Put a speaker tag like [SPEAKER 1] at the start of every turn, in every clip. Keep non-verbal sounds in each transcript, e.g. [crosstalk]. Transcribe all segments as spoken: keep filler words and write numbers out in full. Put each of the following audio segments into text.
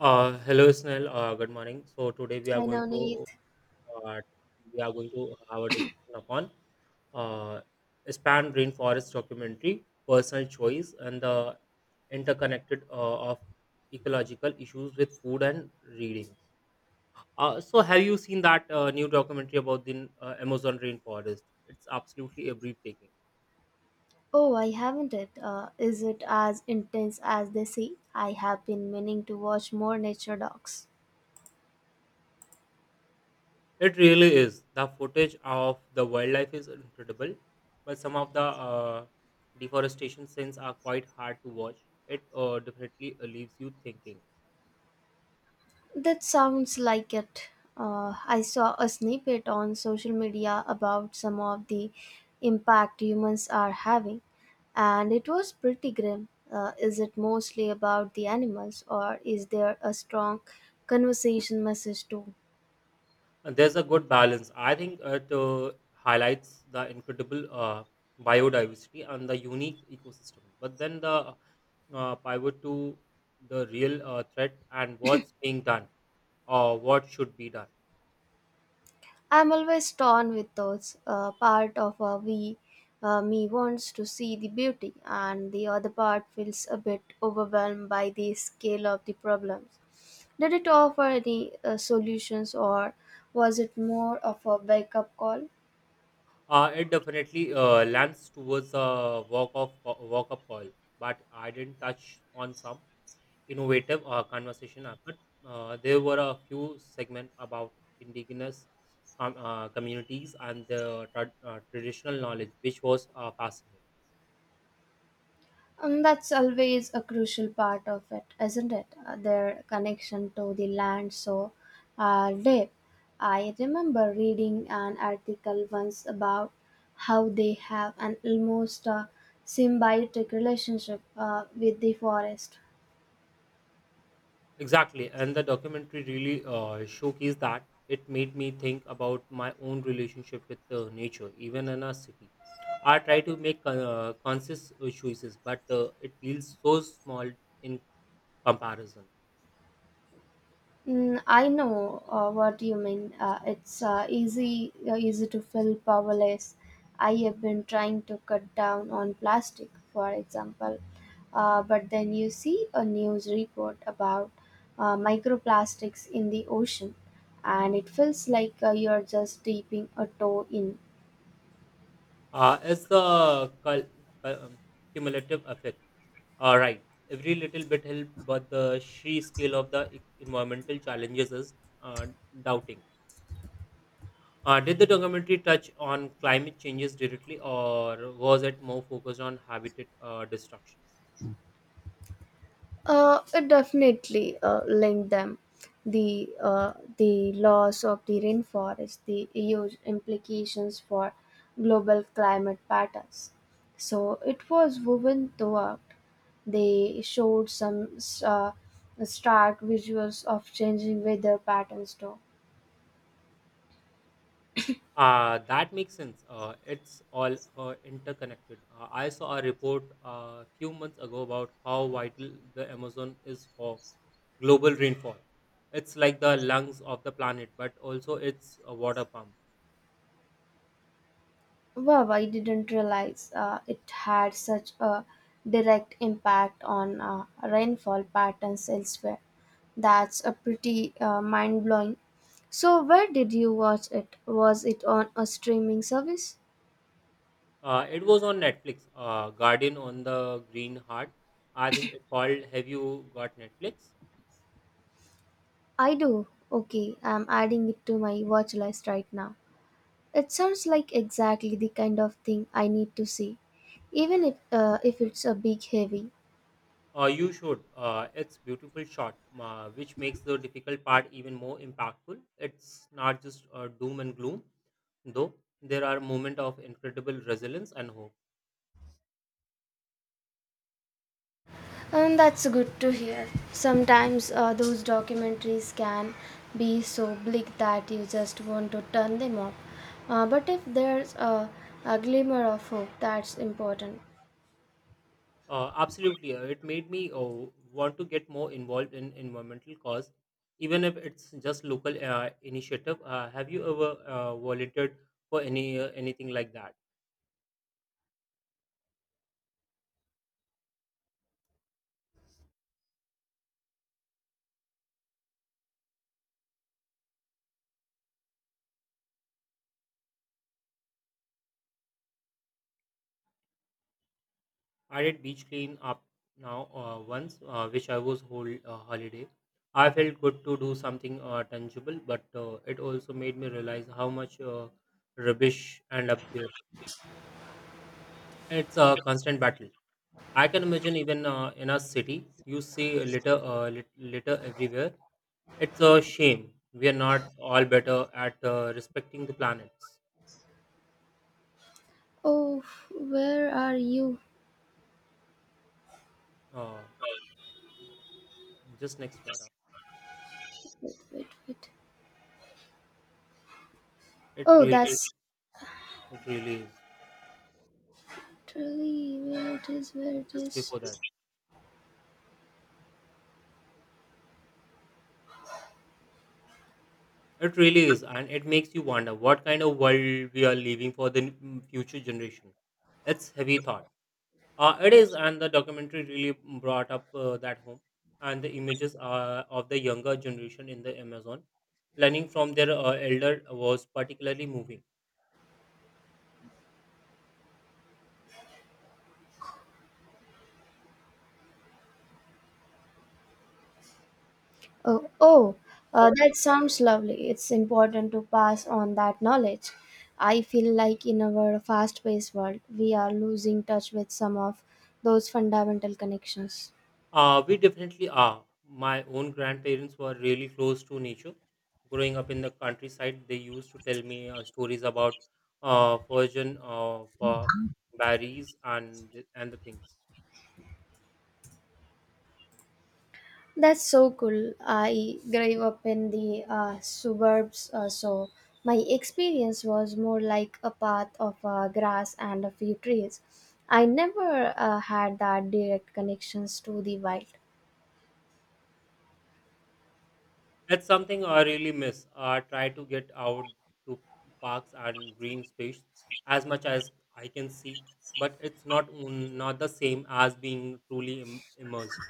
[SPEAKER 1] Uh, hello, Snell. Uh, good morning. So today we are
[SPEAKER 2] Hi
[SPEAKER 1] going to
[SPEAKER 2] Navneet.
[SPEAKER 1] uh, we are going to have a discussion upon uh, span rainforest documentary, personal choice, and the interconnected uh, of ecological issues with food and reading. Uh, so have you seen that uh, new documentary about the uh, Amazon rainforest? It's absolutely a breathtaking.
[SPEAKER 2] Oh, I haven't it. Uh, is it as intense as they say? I have been meaning to watch more nature docs.
[SPEAKER 1] It really is. The footage of the wildlife is incredible, but some of the uh, deforestation scenes are quite hard to watch. It uh, definitely uh, leaves you thinking.
[SPEAKER 2] That sounds like it. Uh, I saw a snippet on social media about some of the impact humans are having, and it was pretty grim. Uh, is it mostly about the animals, or is there a strong conversation message too?
[SPEAKER 1] And there's a good balance. I think it uh, highlights the incredible uh, biodiversity and the unique ecosystem. But then the uh, pivot to the real uh, threat and what's being done or what should be done.
[SPEAKER 2] I'm always torn with those. Uh, part of uh, we, uh, me wants to see the beauty, and the other part feels a bit overwhelmed by the scale of the problems. Did it offer any uh, solutions, or was it more of a wake up call?
[SPEAKER 1] Uh, it definitely uh, lands towards a walk of walk up call, but I didn't touch on some innovative uh, conversation effort. Uh, there were a few segments about indigenous com- uh, communities and the tra- uh, traditional knowledge, which was uh, fascinating.
[SPEAKER 2] And that's always a crucial part of it, isn't it? Uh, Their connection to the land so uh, deep. I remember reading an article once about how they have an almost uh, symbiotic relationship uh, with the forest.
[SPEAKER 1] Exactly, and the documentary really uh, showcased that. It made me think about my own relationship with uh, nature, even in a city. I try to make uh, conscious uh, choices, but uh, it feels so small in comparison.
[SPEAKER 2] Mm, I know uh, what you mean. Uh, it's uh, easy uh, easy to feel powerless. I have been trying to cut down on plastic, for example, uh, but then you see a news report about uh, microplastics in the ocean, and it feels like uh, you're just dipping a toe in.
[SPEAKER 1] Uh, it's the cul- cul- um, cumulative effect. All right, every little bit help, but the sheer scale of the e- environmental challenges is uh, doubting. Uh, did the documentary touch on climate changes directly, or was it more focused on habitat uh, destruction?
[SPEAKER 2] Uh, it definitely uh, linked them. The uh, the loss of the rainforest, the huge implications for global climate patterns. So it was woven throughout. They showed some uh, stark visuals of changing weather patterns too.
[SPEAKER 1] Uh, that makes sense. Uh, it's all uh, interconnected. Uh, I saw a report a few months ago about how vital the Amazon is for global rainfall. It's like the lungs of the planet, but also it's a water pump.
[SPEAKER 2] Wow, I didn't realize uh, it had such a direct impact on uh, rainfall patterns elsewhere. That's a pretty uh, mind blowing. So, where did you watch it? Was it on a streaming service?
[SPEAKER 1] Uh, it was on Netflix, uh, Garden on the Green Heart. I think it called Have You Got Netflix?
[SPEAKER 2] I do. Okay, I'm adding it to my watch list right now. It sounds like exactly the kind of thing I need to see, even if uh, if it's a big heavy.
[SPEAKER 1] Uh, you should. Uh, it's beautiful shot, uh, which makes the difficult part even more impactful. It's not just uh, doom and gloom, though. There are moments of incredible resilience and hope.
[SPEAKER 2] And that's good to hear. Sometimes uh, those documentaries can be so bleak that you just want to turn them off. Uh, but if there's a, a glimmer of hope, that's important.
[SPEAKER 1] Uh, absolutely, uh, it made me uh, want to get more involved in environmental cause, even if it's just local uh, initiative. Uh, have you ever uh, volunteered for any uh, anything like that? I did beach clean up now uh, once, uh, which I was whole uh, holiday. I felt good to do something uh, tangible, but uh, it also made me realize how much uh, rubbish end up there. It's a constant battle. I can imagine even uh, in a city, you see litter, uh, lit- litter everywhere. It's a shame we are not all better at uh, respecting the planets.
[SPEAKER 2] Oh, where are you?
[SPEAKER 1] Uh, just next para.
[SPEAKER 2] Wait, wait, wait.
[SPEAKER 1] It
[SPEAKER 2] Oh,
[SPEAKER 1] really,
[SPEAKER 2] that's
[SPEAKER 1] it really is.
[SPEAKER 2] literally where it is, where it
[SPEAKER 1] Just
[SPEAKER 2] is.
[SPEAKER 1] before that. It really is, and it makes you wonder what kind of world we are leaving for the n- future generation. It's heavy thought. Uh, it is, and the documentary really brought up uh, that home, and the images uh, of the younger generation in the Amazon learning from their uh, elder was particularly moving.
[SPEAKER 2] Oh, oh, uh, that sounds lovely. It's important to pass on that knowledge. I feel like in our fast paced world, we are losing touch with some of those fundamental connections.
[SPEAKER 1] Uh, we definitely are. My own grandparents were really close to nature. Growing up in the countryside, they used to tell me uh, stories about uh, virgin uh, uh, berries and th- and the things.
[SPEAKER 2] That's so cool. I grew up in the uh, suburbs, uh, so my experience was more like a path of uh, grass and a few trees. I never uh, had that direct connections to the wild.
[SPEAKER 1] That's something I really miss. I try to get out to parks and green space as much as I can see, but it's not not the same as being truly Im- immersed.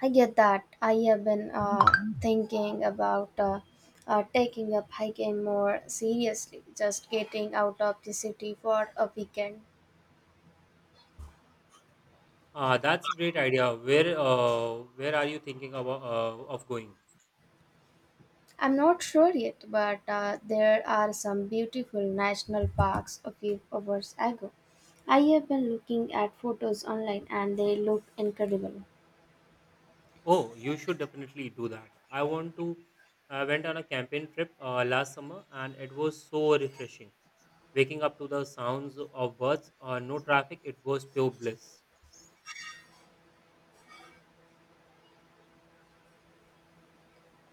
[SPEAKER 2] I get that. I have been uh, thinking about uh, uh, taking up hiking more seriously, just getting out of the city for a weekend.
[SPEAKER 1] Uh, that's a great idea. Where uh, where are you thinking about uh, of going?
[SPEAKER 2] I'm not sure yet, but uh, there are some beautiful national parks a few hours ago. I have been looking at photos online and they look incredible.
[SPEAKER 1] Oh, you should definitely do that. I want to. I went on a camping trip uh, last summer, and it was so refreshing. Waking up to the sounds of birds, uh, no traffic. It was pure bliss.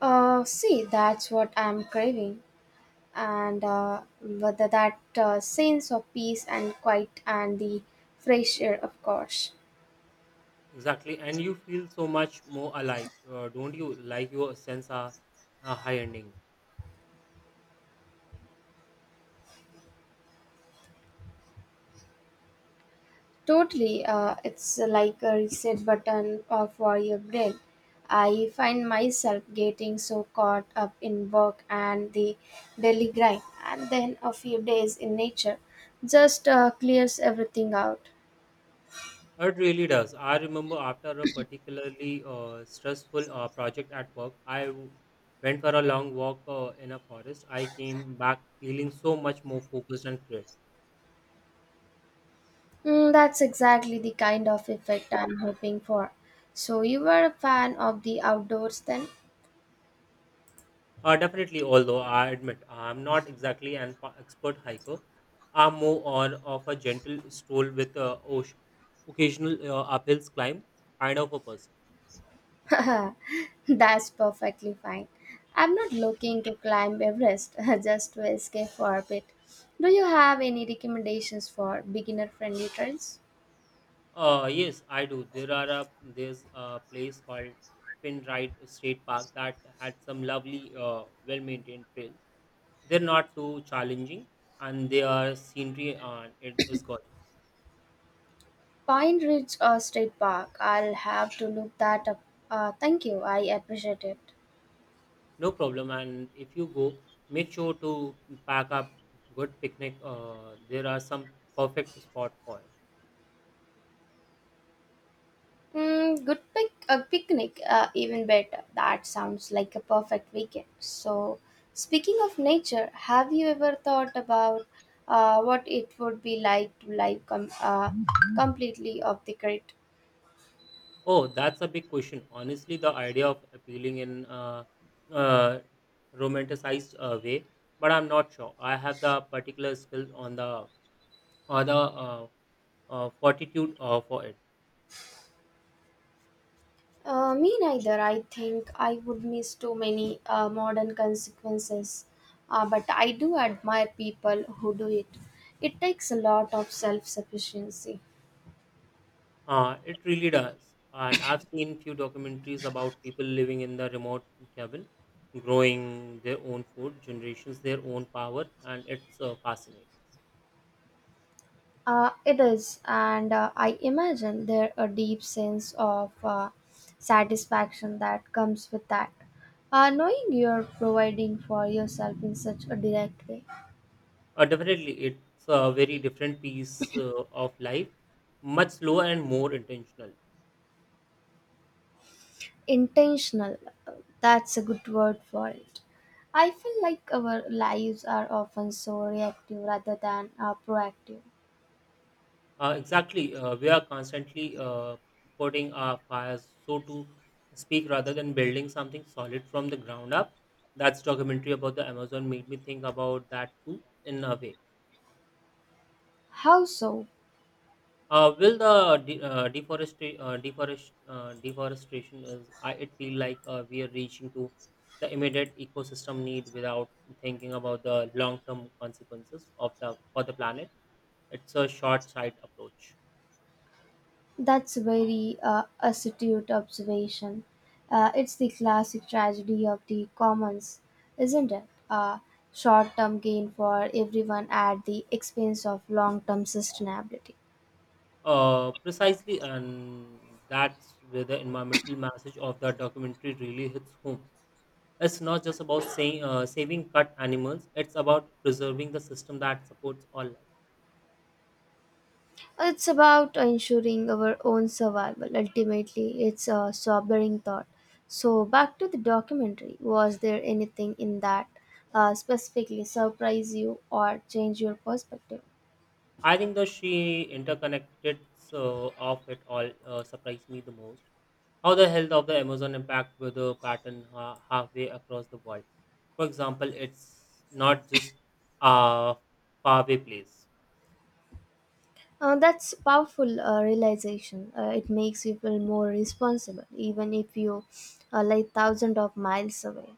[SPEAKER 2] Uh, see, that's what I'm craving. And uh, whether that uh, sense of peace and quiet and the fresh air, of course.
[SPEAKER 1] Exactly, and you feel so much more alive, uh, don't you? Like your sense are uh, high ending.
[SPEAKER 2] Totally, uh, it's like a reset button uh, for your brain. I find myself getting so caught up in work and the daily grind, and then a few days in nature just uh, clears everything out.
[SPEAKER 1] It really does. I remember after a particularly uh, stressful uh, project at work, I w- went for a long walk uh, in a forest. I came back feeling so much more focused and creative.
[SPEAKER 2] Mm, that's exactly the kind of effect I'm hoping for. So, you were a fan of the outdoors then?
[SPEAKER 1] Uh, definitely, although I admit I'm not exactly an pa- expert hiker, I'm more on of a gentle stroll with uh, osh- occasional uh, uphills climb kind of a person.
[SPEAKER 2] [laughs] That's perfectly fine. I'm not looking to climb Everest, [laughs] just to escape for a bit. Do you have any recommendations for beginner friendly trails?
[SPEAKER 1] Uh, yes, I do. There are a, there's a place called Pinride State Park that had some lovely, uh, well-maintained trails. They're not too challenging, and their scenery uh, it is gorgeous.
[SPEAKER 2] Pine Ridge or State Park? I'll have to look that up. Uh, thank you, I appreciate it.
[SPEAKER 1] No problem. And if you go, make sure to pack up good picnic. Uh, there are some perfect spot for it.
[SPEAKER 2] Mm, good pic a picnic, uh, even better. That sounds like a perfect weekend. So, speaking of nature, have you ever thought about uh, what it would be like to live com- uh, completely off the grid?
[SPEAKER 1] Oh, that's a big question. Honestly, the idea of appealing in a uh, uh, romanticized uh, way, but I'm not sure. I have the particular skill on the or the uh, uh, fortitude uh, for it.
[SPEAKER 2] Uh, me neither. I think I would miss too many uh, modern consequences, uh, but I do admire people who do it. It takes a lot of self sufficiency.
[SPEAKER 1] Uh, it really does. And I've seen few documentaries about people living in the remote cabin, growing their own food, generations their own power, and it's uh, fascinating.
[SPEAKER 2] Uh, it is, and uh, I imagine there a deep sense of uh, satisfaction that comes with that. Uh, knowing you're providing for yourself in such a direct way,
[SPEAKER 1] Uh, definitely, it's a very different piece uh, of life, much slower and more intentional.
[SPEAKER 2] intentional, uh, that's a good word for it. I feel like our lives are often so reactive rather than uh, proactive.
[SPEAKER 1] Uh, exactly, uh, we are constantly uh, putting our fires, so to speak, rather than building something solid from the ground up. That's documentary about the Amazon made me think about that too, in a way.
[SPEAKER 2] How so?
[SPEAKER 1] Uh, will the de- uh, deforesta- uh, deforest- uh, deforestation is I, it feel like uh, we are reaching to the immediate ecosystem need without thinking about the long term consequences of the for the planet. It's a short sight approach.
[SPEAKER 2] That's very uh, astute observation. Uh, it's the classic tragedy of the commons, isn't it? Uh, Short term gain for everyone at the expense of long term sustainability.
[SPEAKER 1] Uh, precisely, and that's where the environmental message of the documentary really hits home. It's not just about saying, uh, saving cut animals; it's about preserving the system that supports all life.
[SPEAKER 2] It's about ensuring our own survival. Ultimately, it's a sobering thought. So, back to the documentary was there anything in that uh, specifically surprise you or change your perspective?
[SPEAKER 1] I think the she interconnected so of it all uh, surprised me the most. How the health of the Amazon impact with the pattern ha- halfway across the world. For example, it's not just a faraway place.
[SPEAKER 2] Uh, that's powerful uh, realization. Uh, it makes you feel more responsible, even if you are like thousands of miles away.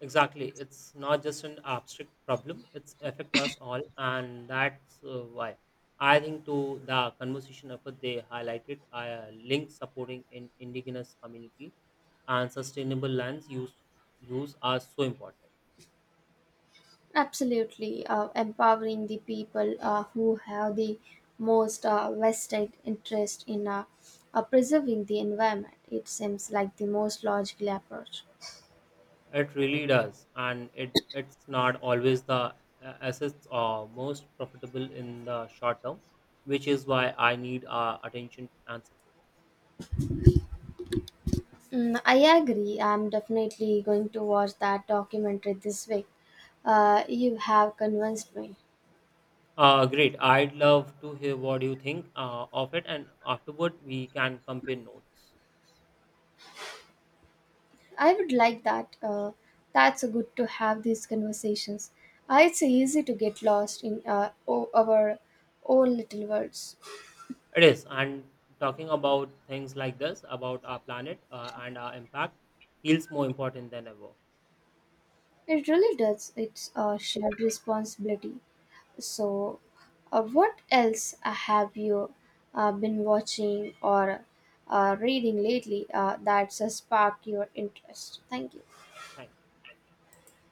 [SPEAKER 1] Exactly, it's not just an abstract problem. It's affect us all, and that's uh, why I think to the conversation effort they highlighted uh, links supporting in indigenous community and sustainable lands use use are so important.
[SPEAKER 2] Absolutely, uh, empowering the people uh, who have the most uh, vested interest in uh, uh, preserving the environment. It seems like the most logical approach.
[SPEAKER 1] It really does, and it it's not always the uh, assets are most profitable in the short term, which is why I need uh, attention and support.
[SPEAKER 2] Mm, I agree. I'm definitely going to watch that documentary this week. Uh, you have convinced me.
[SPEAKER 1] Uh, great. I'd love to hear what you think uh, of it, and afterward we can compare notes.
[SPEAKER 2] I would like that. Uh, that's good to have these conversations. Uh, it's easy to get lost in uh, o- our own little worlds.
[SPEAKER 1] It is, and talking about things like this about our planet uh, and our impact feels more important than ever.
[SPEAKER 2] It really does. It's a shared responsibility. So, uh, what else uh, have you uh, been watching or uh, reading lately uh, that's uh, sparked your interest? Thank you.
[SPEAKER 1] Thank you.